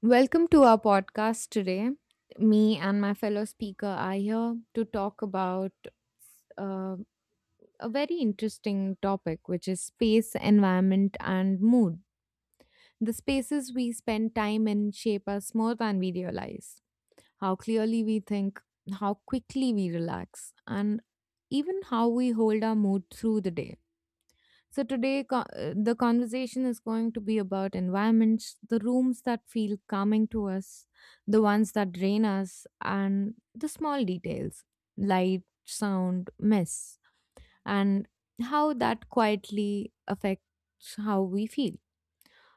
Welcome to our podcast today. Me and my fellow speaker are here to talk about uh, a very interesting topic, which is space, environment, and mood. The spaces we spend time in shape us more than we realize. How clearly we think, how quickly we relax, and even how we hold our mood through the day. So today, the conversation is going to be about environments, the rooms that feel calming to us, the ones that drain us, and the small details: light, sound, mess, and how that quietly affects how we feel.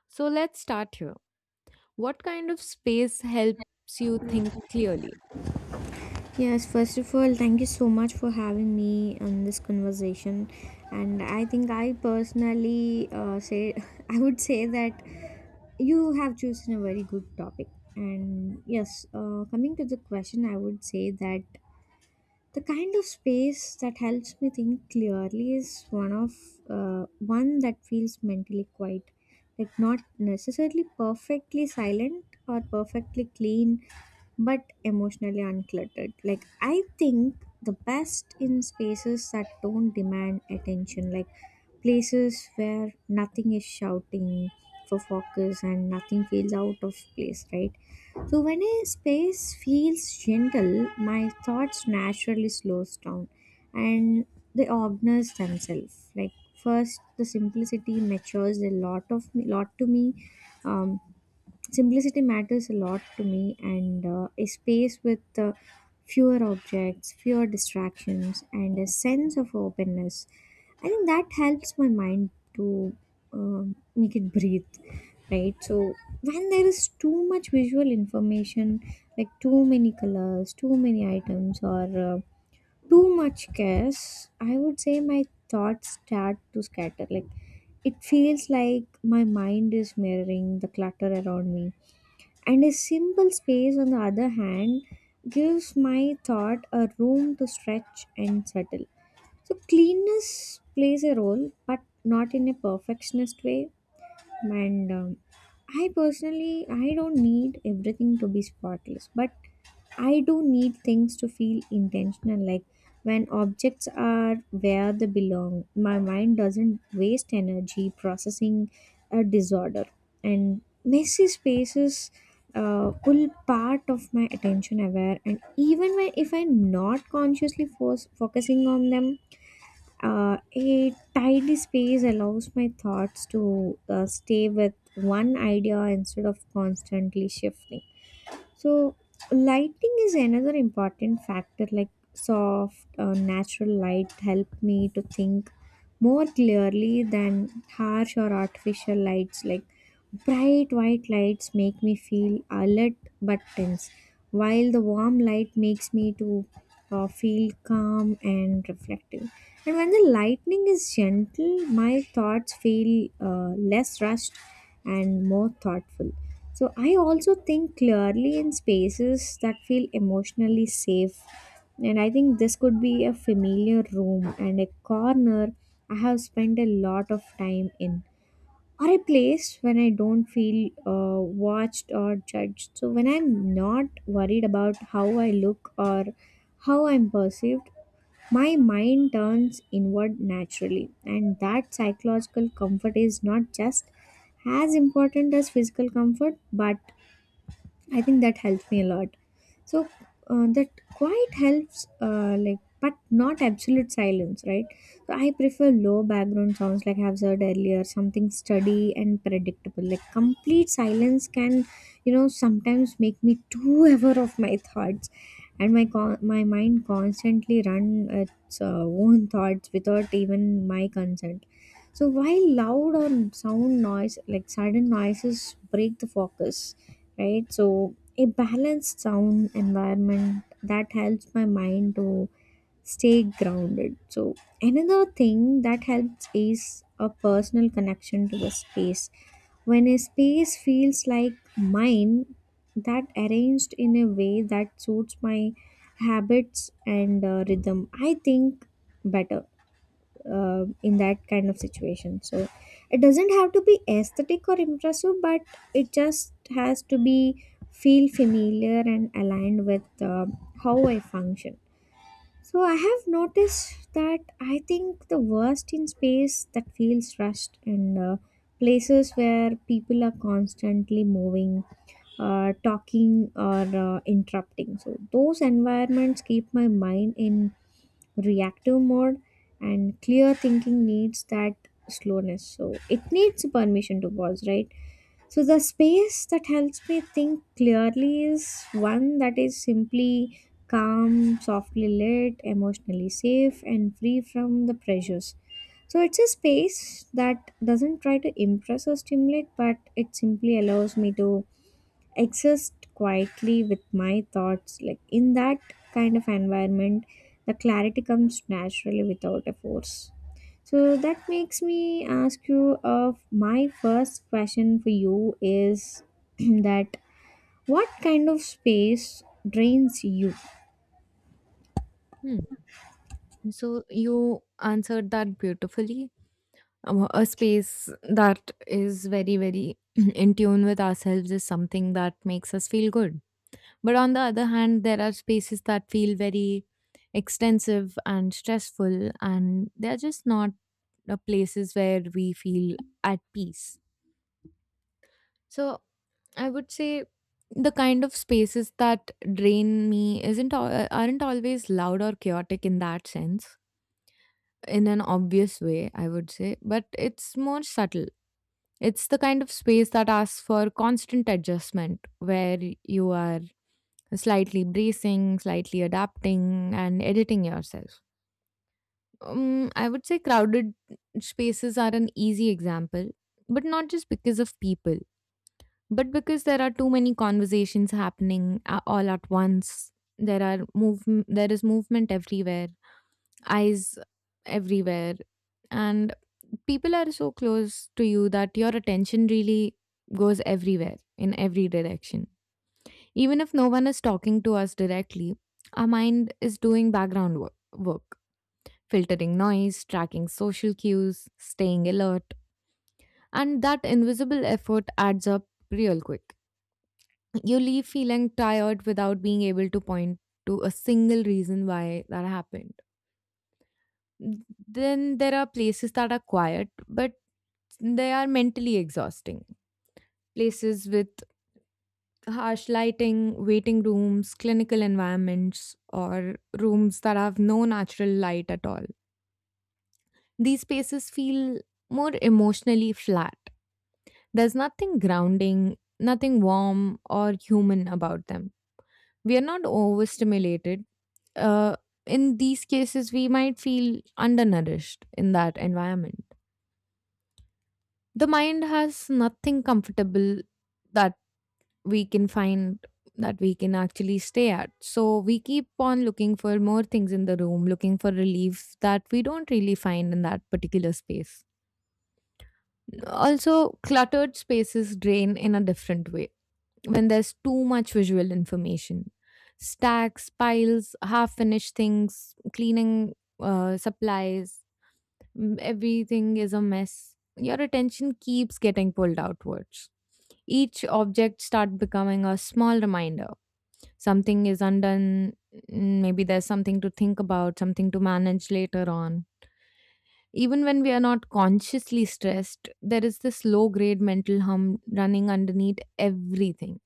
So let's start here. What kind of space helps you think clearly? Yes, first of all, thank you so much for having me on this conversation. And I think I personally say I would say that you have chosen a very good topic. And yes, coming to the question, I would say that the kind of space that helps me think clearly is one that feels mentally quiet, like not necessarily perfectly silent or perfectly clean but emotionally uncluttered. Like, I think the best in spaces that don't demand attention, like places where nothing is shouting for focus and nothing feels out of place, right? So, when a space feels gentle, my thoughts naturally slows down and they organize themselves. Like, first, the simplicity matures a lot of me, lot to me. Um, Simplicity matters a lot to me, and a space with fewer objects, fewer distractions, and a sense of openness. I think that helps my mind to make it breathe, right? So, when there is too much visual information, like too many colors, too many items, or uh, too much chaos, I would say my thoughts start to scatter. Like, it feels like my mind is mirroring the clutter around me, and a simple space on the other hand gives my thought a room to stretch and settle. So cleanness plays a role but not in a perfectionist way, and I personally, I don't need everything to be spotless, but I do need things to feel intentional. Like when objects are where they belong, my mind doesn't waste energy processing a disorder. And messy spaces pull part of my attention aware, and even when, if I'm not focusing on them, a tidy space allows my thoughts to stay with one idea instead of constantly shifting. So, lighting is another important factor, like soft, natural light help me to think more clearly than harsh or artificial lights. Like bright white lights make me feel alert but tense, while the warm light makes me to feel calm and reflective. And when the lightning is gentle, my thoughts feel less rushed and more thoughtful. So I also think clearly in spaces that feel emotionally safe, and I think this could be a familiar room and a corner I have spent a lot of time in, or a place when I don't feel watched or judged. So when I'm not worried about how I look or how I'm perceived, my mind turns inward naturally, and that psychological comfort is not just as important as physical comfort, but I think that helps me a lot. So that quiet helps, like, but not absolute silence, right? So I prefer low background sounds, like I've said earlier, something steady and predictable. Like complete silence can, you know, sometimes make me too aware of my thoughts, and my mind constantly run its own thoughts without even my consent. So while loud or sound noise, like sudden noises, break the focus, right? So, a balanced sound environment that helps my mind to stay grounded. So, another thing that helps is a personal connection to the space. When a space feels like mine, that arranged in a way that suits my habits and rhythm, I think better in that kind of situation. So it doesn't have to be aesthetic or impressive, but it just has to be feel familiar and aligned with how I function. So I have noticed that I think the worst in space that feels rushed, and places where people are constantly moving, talking or interrupting. So those environments keep my mind in reactive mode, and clear thinking needs that slowness, so it needs permission to pause, right? So the space that helps me think clearly is one that is simply calm, softly lit, emotionally safe, and free from the pressures. So it's a space that doesn't try to impress or stimulate, but it simply allows me to exist quietly with my thoughts. Like in that kind of environment, the clarity comes naturally without a force. So that makes me ask you of my first question for you is that what kind of space drains you? Hmm. So you answered that beautifully. A space that is very in tune with ourselves is something that makes us feel good, but on the other hand there are spaces that feel very extensive and stressful, and they're just not the places where we feel at peace. So I would say the kind of spaces that drain me isn't al- aren't always loud or chaotic in that sense, in an obvious way, I would say, but it's more subtle. It's the kind of space that asks for constant adjustment, where you are slightly bracing, slightly adapting, and editing yourself. I would say crowded spaces are an easy example, but not just because of people, but because there are too many conversations happening all at once. There are move. There is movement everywhere, eyes everywhere, and people are so close to you that your attention really goes everywhere in every direction. Even if no one is talking to us directly, our mind is doing background work, filtering noise, tracking social cues, staying alert, and that invisible effort adds up real quick. You leave feeling tired without being able to point to a single reason why that happened. Then there are places that are quiet, but they are mentally exhausting, places with harsh lighting, waiting rooms, clinical environments, or rooms that have no natural light at all. These spaces feel more emotionally flat. There's nothing grounding, nothing warm or human about them. We are not overstimulated. Uh, in these cases, we might feel undernourished in that environment. The mind has nothing comfortable that we can find we can actually stay at. So we keep on looking for more things in the room, looking for relief that we don't really find in that particular space. Also, cluttered spaces drain in a different way when there's too much visual information. Stacks, piles, half finished things, cleaning supplies, everything is a mess. Your attention keeps getting pulled outwards. Each object start becoming a small reminder something is undone, maybe there's something to think about, something to manage later on. Even when we are not consciously stressed, there is this low grade mental hum running underneath everything,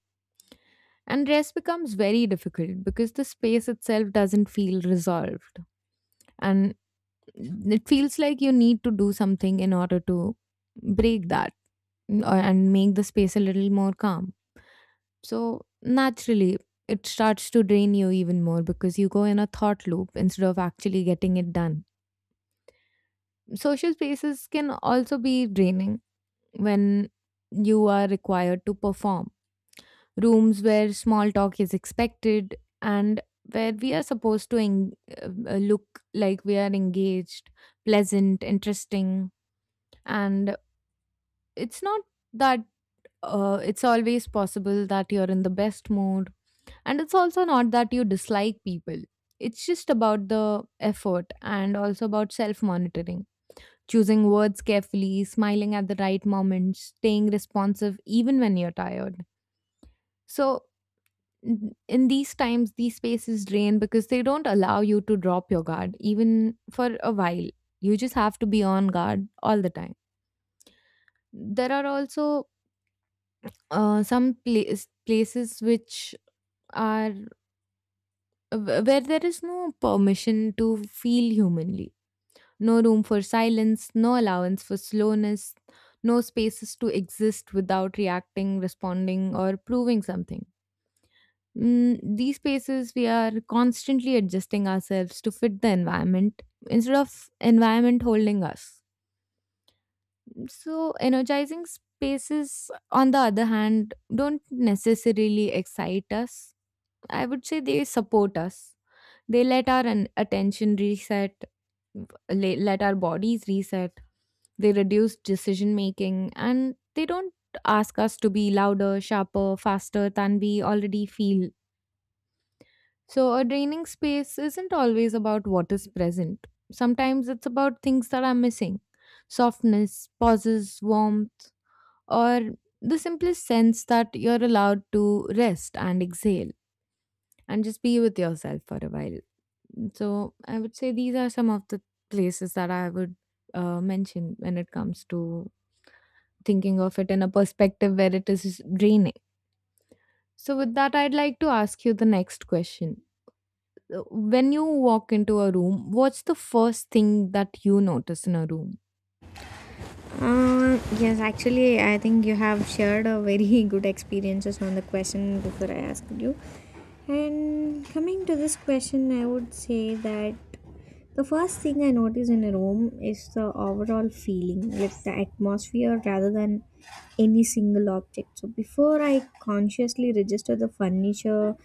and rest becomes very difficult because the space itself doesn't feel resolved, and it feels like you need to do something in order to break that, and make the space a little more calm. So naturally, it starts to drain you even more because you go in a thought loop instead of actually getting it done. Social spaces can also be draining when you are required to perform. Rooms where small talk is expected and where we are supposed to look like we are engaged, pleasant, interesting, and it's not that it's always possible that you're in the best mood. And it's also not that you dislike people, it's just about the effort and also about self monitoring. Choosing words carefully, smiling at the right moments, staying responsive even when you're tired. So, in these times, these spaces drain because they don't allow you to drop your guard, even for a while. You just have to be on guard all the time. There are also places which are where there is no permission to feel humanly, no room for silence, no allowance for slowness, no spaces to exist without reacting, responding, or proving something. These spaces, we are constantly adjusting ourselves to fit the environment instead of environment holding us. So, energizing spaces, on the other hand, don't necessarily excite us. I would say they support us. They let our attention reset, let our bodies reset. They reduce decision making and they don't ask us to be louder, sharper, faster than we already feel. So, a draining space isn't always about what is present. Sometimes it's about things that are missing: softness, pauses, warmth, or the simplest sense that you're allowed to rest and exhale and just be with yourself for a while. So I would say these are some of the places that I would mention when it comes to thinking of it in a perspective where it is draining. So with that, I'd like to ask you the next question. When you walk into a room, what's the first thing that you notice in a room? Yes, actually I think you have shared a very good experiences on the question before I asked you. And coming to this question, I would say that the first thing I notice in a room is the overall feeling, like the atmosphere rather than any single object. So before I consciously register the furniture,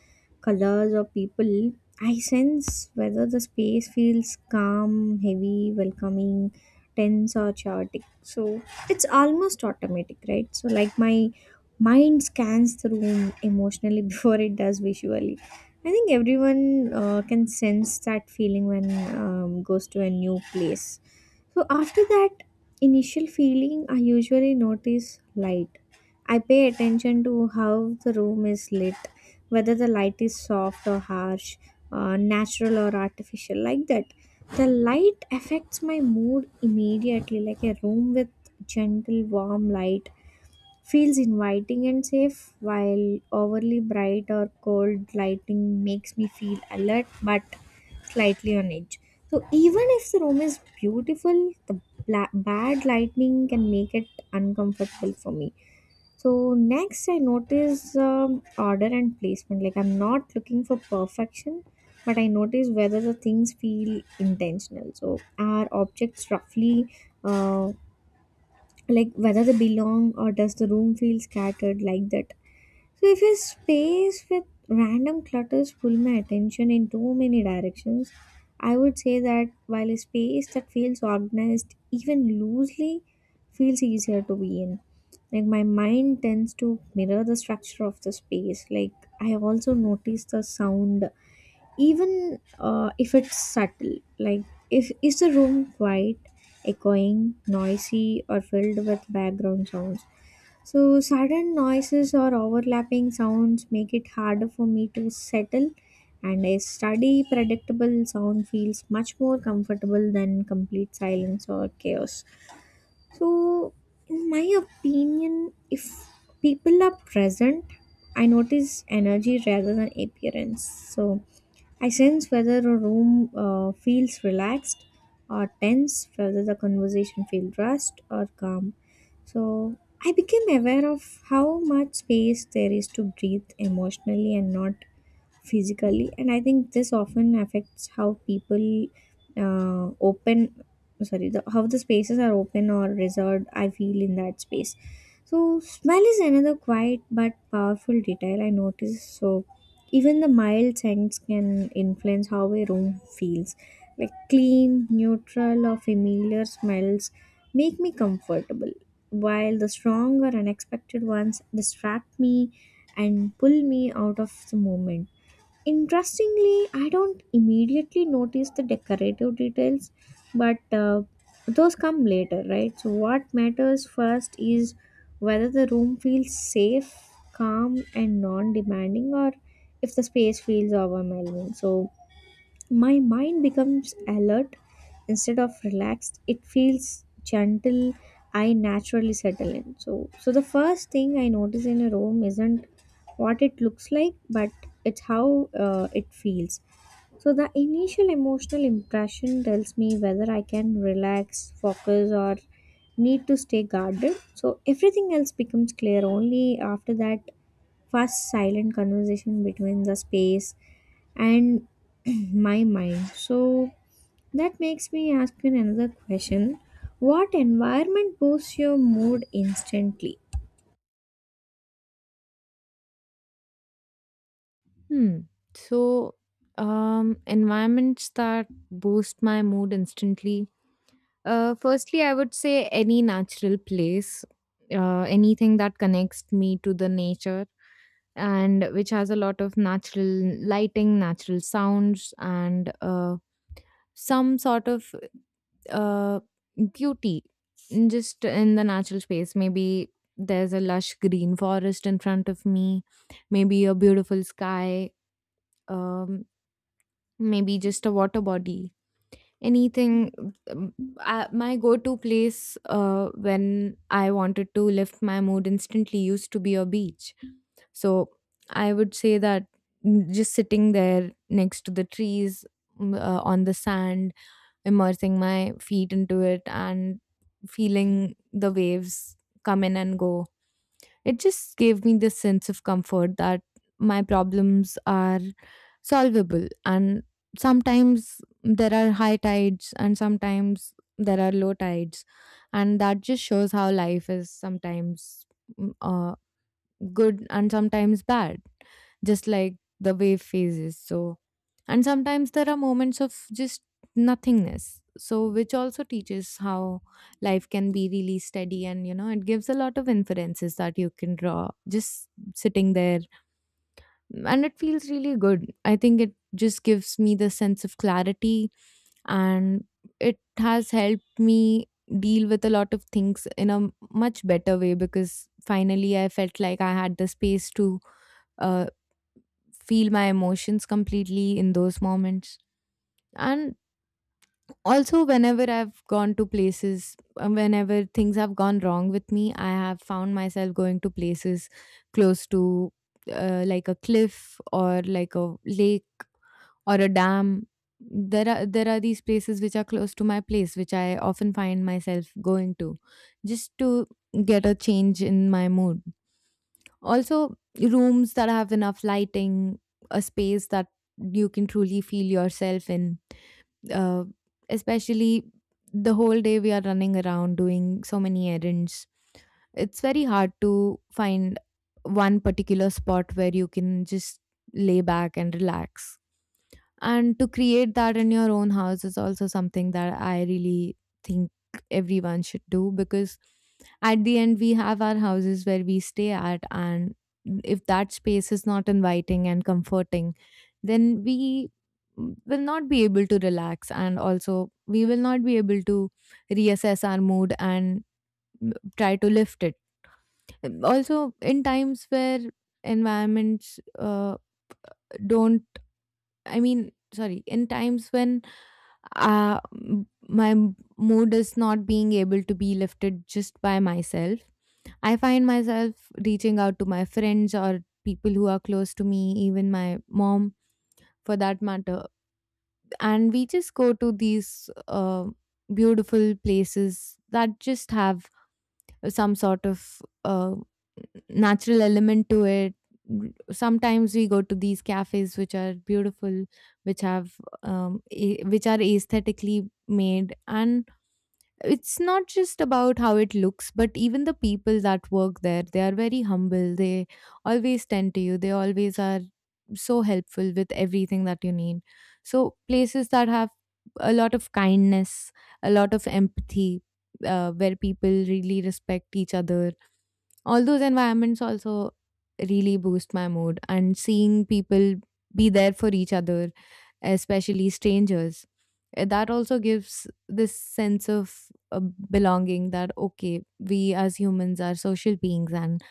colors, or people, I sense whether the space feels calm, heavy, welcoming, tense, or chaotic. So it's almost automatic, right? So, like, my mind scans the room emotionally before it does visually. I think everyone can sense that feeling when goes to a new place. So after that, initial feeling I usually notice light. I pay attention to how the room is lit, whether the light is soft or harsh, natural or artificial, like that. The light affects my mood immediately, like a room with gentle, warm light feels inviting and safe, while overly bright or cold lighting makes me feel alert but slightly on edge. So even if the room is beautiful, the bad lighting can make it uncomfortable for me. So next, I notice order and placement. Like I'm not looking for perfection, but I notice whether the things feel intentional. So are objects roughly uh, like whether they belong, or does the room feel scattered like that? So if a space with random clutters pull my attention in too many directions, I would say that while a space that feels organized even loosely feels easier to be in. Like my mind tends to mirror the structure of the space. Like I also notice the sound, even if it's subtle. Like if is the room quiet, echoing, noisy, or filled with background sounds, so sudden noises or overlapping sounds make it harder for me to settle, and a steady, predictable sound feels much more comfortable than complete silence or chaos. So, in my opinion, if people are present, I notice energy rather than appearance. So, I sense whether a room feels relaxed or tense, whether the conversation feels rushed or calm. So I became aware of how much space there is to breathe emotionally and not physically, and I think this often affects how people uh, open how the spaces are open or reserved I feel in that space. So smell is another quiet but powerful detail I notice. So even the mild scents can influence how a room feels. Like clean, neutral or familiar smells make me comfortable, while the strong or unexpected ones distract me and pull me out of the moment. Interestingly, I don't immediately notice the decorative details, but those come later, right? So, what matters first is whether the room feels safe, calm, and non demanding, or if the space feels overwhelming. So, my mind becomes alert instead of relaxed. It feels gentle. I naturally settle in. So, so the first thing I notice in a room isn't what it looks like, but it's how it feels. So the initial emotional impression tells me whether I can relax, focus, or need to stay guarded. So everything else becomes clear only after that first silent conversation between the space and my mind. So that makes me ask you another question. What environment boosts your mood instantly? Hmm. So, environments that boost my mood instantly. Firstly, I would say any natural place, anything that connects me to the nature and which has a lot of natural lighting, natural sounds, and some sort of uh, beauty just in the natural space. Maybe there's a lush green forest in front of me, maybe a beautiful sky, um, maybe just a water body. Anything. My go to place when I wanted to lift my mood instantly used to be a beach. So I would say that, just sitting there next to the trees, on the sand, immersing my feet into it and feeling the waves come in and go, it just gave me this sense of comfort that my problems are solvable. And sometimes there are high tides, and sometimes there are low tides. And that just shows how life is sometimes good and sometimes bad, just like the wave phases. So, and sometimes there are moments of just nothingness. So, which also teaches how life can be really steady, and you know, it gives a lot of inferences that you can draw just sitting there, and it feels really good. I think it just gives me the sense of clarity, and it has helped me deal with a lot of things in a much better way, because finally I felt like I had the space to uh, feel my emotions completely in those moments. And also, whenever I've gone to places, whenever things have gone wrong with me, I have found myself going to places close to like a cliff or like a lake or a dam. There are these places which are close to my place, which I often find myself going to, just to get a change in my mood. Also, rooms that have enough lighting, a space that you can truly feel yourself in. Uh, Especially, the whole day we are running around doing so many errands. It's very hard to find one particular spot where you can just lay back and relax. And to create that in your own house is also something that I really think everyone should do, because at the end we have our houses where we stay at, and if that space is not inviting and comforting, then we will not be able to relax, and also we will not be able to reassess our mood and try to lift it. Also, in times where environments don't I mean sorry in times when my mood is not being able to be lifted just by myself, I find myself reaching out to my friends or people who are close to me, even my mom for that matter. And we just go to these beautiful places that just have some sort of natural element to it. Sometimes we go to these cafes which are beautiful, which have which are aesthetically made, and it's not just about how it looks, but even the people that work there, they are very humble. They always tend to you they always are so helpful with everything that you need. So places that have a lot of kindness, a lot of empathy, where people really respect each other, all those environments also really boost my mood. And seeing people be there for each other, especially strangers, that also gives this sense of uh, belonging, that okay, we as humans are social beings, and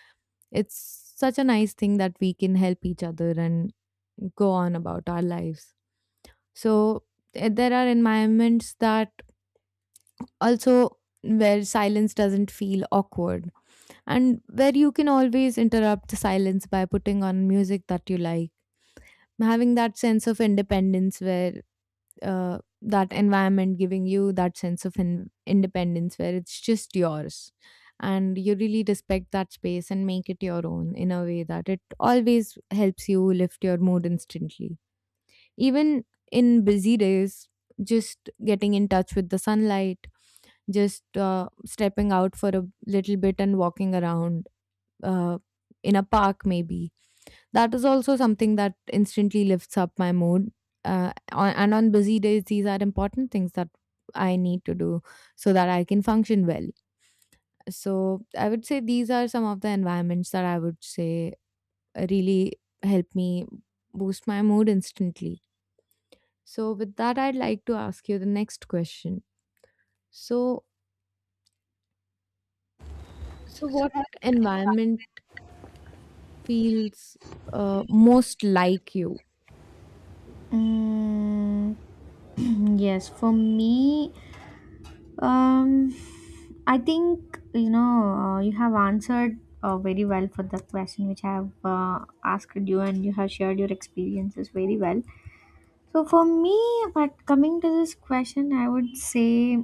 it's such a nice thing that we can help each other and go on about our lives. So there are environments that also where silence doesn't feel awkward, and where you can always interrupt the silence by putting on music that you like, having that sense of independence where that environment giving you that sense of independence where it's just yours, and you really respect that space and make it your own in a way that it always helps you lift your mood instantly. Even in busy days, just getting in touch with the sunlight, just stepping out for a little bit and walking around, uh, in a park maybe, that is also something that instantly lifts up my mood. And on busy days, these are important things that I need to do so that I can function well. So I would say these are some of the environments that I would say really help me boost my mood instantly. So with that, I'd like to ask you the next question. So so what environment feels most like you? Mm, yes, for me, Um, I think, you know, you have answered very well for the question which I have asked you, and you have shared your experiences very well. So for me, but coming to this question, I would say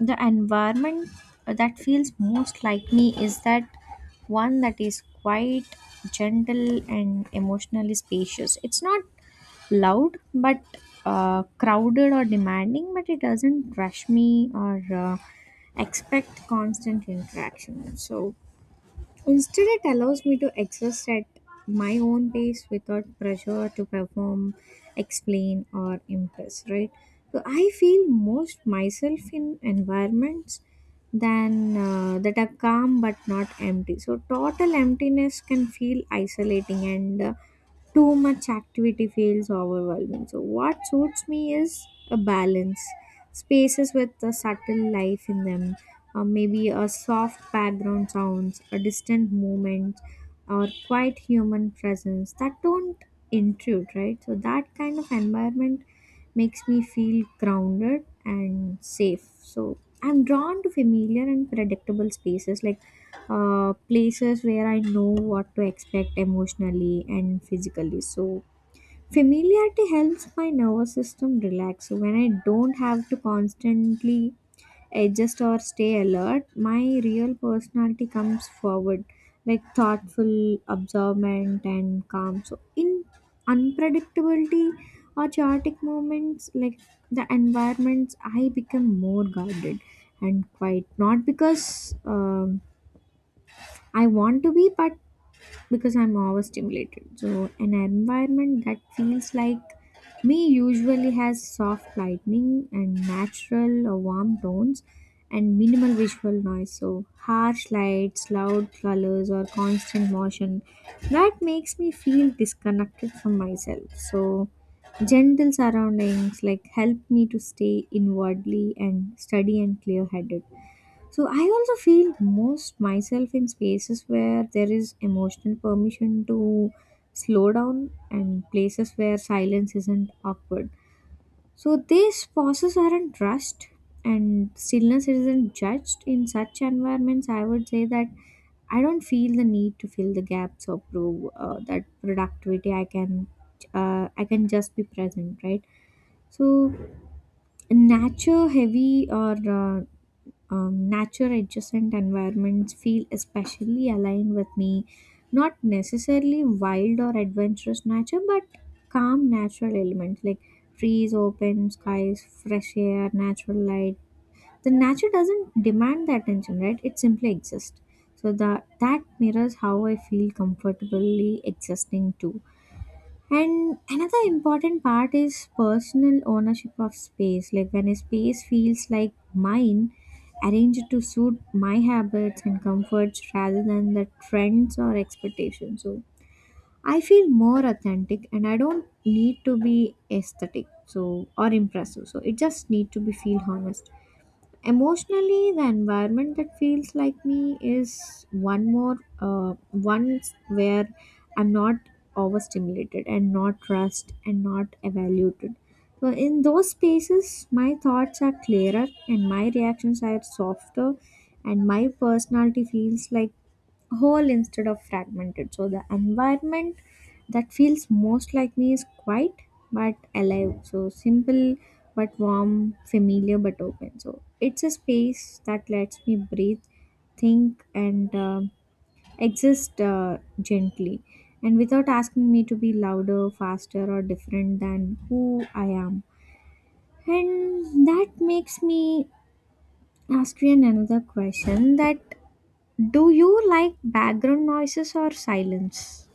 the environment that feels most like me is that one that is quite gentle and emotionally spacious. It's not loud but crowded or demanding, but it doesn't rush me or expect constant interaction. So instead, it allows me to exist at my own pace without pressure to perform, explain, or impress, right? So I feel most myself in environments than that are calm but not empty. So total emptiness can feel isolating, and too much activity feels overwhelming. So, what suits me is a balance, spaces with a subtle life in them, or maybe a soft background sounds, a distant movement, or quiet human presence that don't intrude, right? So, that kind of environment makes me feel grounded and safe. So, I'm drawn to familiar and predictable spaces, like places where I know what to expect emotionally and physically. So, familiarity helps my nervous system relax. So, when I don't have to constantly adjust or stay alert, my real personality comes forward, like thoughtful, observant, and calm. So, in unpredictability or chaotic moments, like the environments, I become more guarded and quiet. Not because I want to be, but because I'm overstimulated. So, an environment that feels like me usually has soft lighting and natural or warm tones and minimal visual noise. So, harsh lights, loud colors, or constant motion, that makes me feel disconnected from myself. So, gentle surroundings like help me to stay inwardly and steady and clear headed. So I also feel most myself in spaces where there is emotional permission to slow down, and places where silence isn't awkward. So these pauses aren't rushed and stillness isn't judged in such environments. I would say that I don't feel the need to fill the gaps or prove that productivity. I can just be present, right? So nature heavy or nature adjacent environments feel especially aligned with me, not necessarily wild or adventurous nature, but calm natural elements like trees, open skies, fresh air, natural light. The nature doesn't demand the attention, right? It simply exists. So that mirrors how I feel comfortably existing too. And another important part is personal ownership of space. Like when a space feels like mine, arranged to suit my habits and comforts rather than the trends or expectations. So I feel more authentic, and I don't need to be aesthetic so or impressive. So it just need to be feel honest. Emotionally, the environment that feels like me is one where I'm not overstimulated and not rushed and not evaluated. So in those spaces my thoughts are clearer and my reactions are softer and my personality feels like whole instead of fragmented. So the environment that feels most like me is quiet but alive, so simple but warm, familiar but open. So it's a space that lets me breathe, think, and exist gently, and without asking me to be louder, faster, or different than who I am. And that makes me ask you another question, that do you like background noises or silence?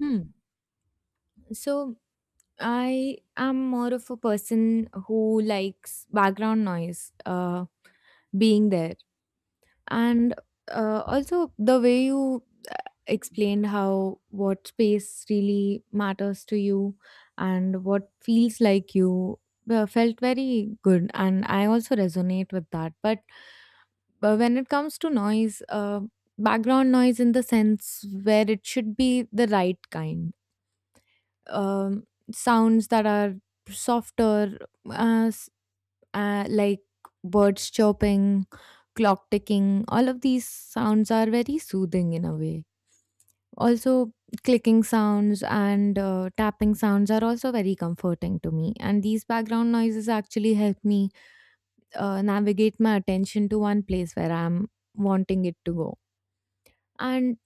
Hmm. So I am more of a person who likes background noise being there. And also, the way you explained how, what space really matters to you and what feels like you, felt very good. And I also resonate with that. But when it comes to noise, background noise, in the sense where it should be the right kind, um, sounds that are softer, uh, s- like birds chirping, clock ticking. All of these sounds are very soothing in a way. Also, clicking sounds and tapping sounds are also very comforting to me. And these background noises actually help me navigate my attention to one place where I'm wanting it to go. And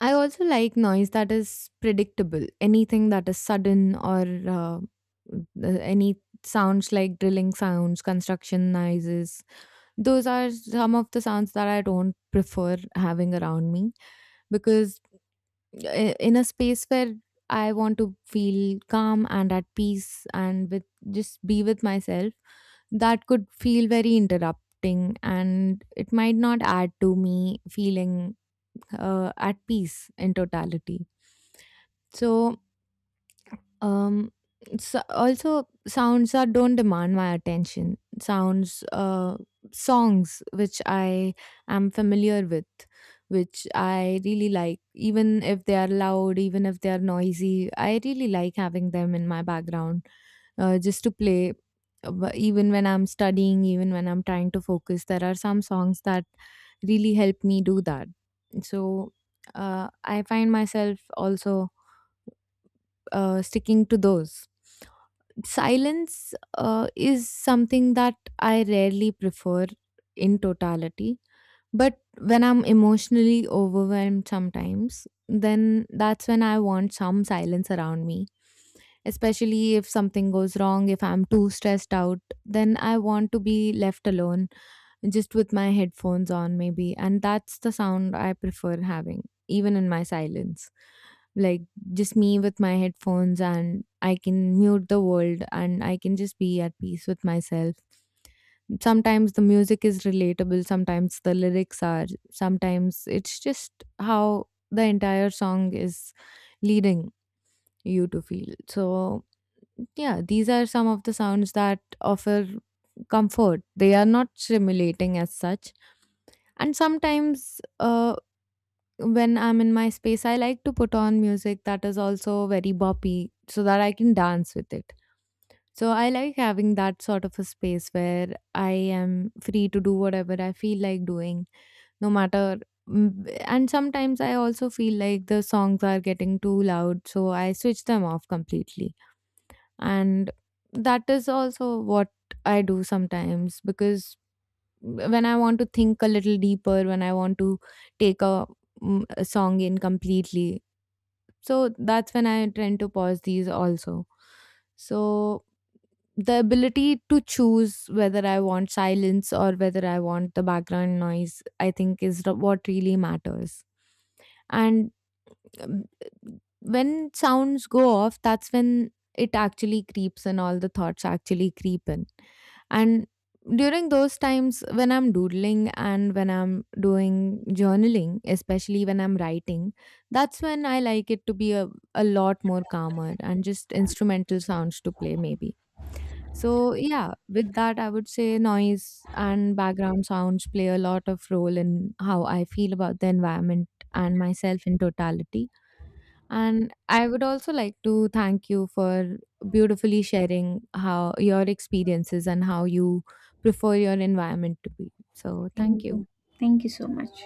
I also like noise that is predictable. Anything that is sudden or any sounds like drilling sounds, construction noises, those are some of the sounds that I don't prefer having around me, because in a space where I want to feel calm and at peace and with, just be with myself, that could feel very interrupting and it might not add to me feeling at peace in totality. So um, it's also sounds that don't demand my attention. Sounds, songs which I am familiar with, which I really like, even if they are loud, even if they are noisy. I really like having them in my background, just to play. Even when I'm studying, even when I'm trying to focus, there are some songs that really help me do that. So, I find myself also sticking to those. Silence is something that I rarely prefer in totality. But when I'm emotionally overwhelmed sometimes, then that's when I want some silence around me. Especially if something goes wrong, if I'm too stressed out, then I want to be left alone, just with my headphones on maybe, and that's the sound I prefer having even in my silence. Like, just me with my headphones, and I can mute the world and I can just be at peace with myself. Sometimes the music is relatable, sometimes the lyrics are, sometimes it's just how the entire song is leading you to feel. So yeah, these are some of the sounds that offer comfort. They are not stimulating as such. And sometimes, when I'm in my space, I like to put on music that is also very boppy so that I can dance with it. So I like having that sort of a space where I am free to do whatever I feel like doing, no matter. mm, And sometimes I also feel like the songs are getting too loud, so I switch them off completely. And that is also what I do sometimes, because when I want to think a little deeper, when I want to take a, a song in completely. So that's when I tend to pause these also. So the ability to choose whether I want silence or whether I want the background noise, I think, is what really matters. And um, when sounds go off, that's when it actually creeps in, all the thoughts actually creep in. And during those times, when I'm doodling and when I'm doing journaling, especially when I'm writing, that's when I like it to be a lot more calmer, and just instrumental sounds to play, maybe. So, yeah, with that, I would say noise and background sounds play a lot of role in how I feel about the environment and myself in totality. And I would also like to thank you for beautifully sharing how your experiences and how you prefer your environment to be. So, Thank thank you, you. thank you so much.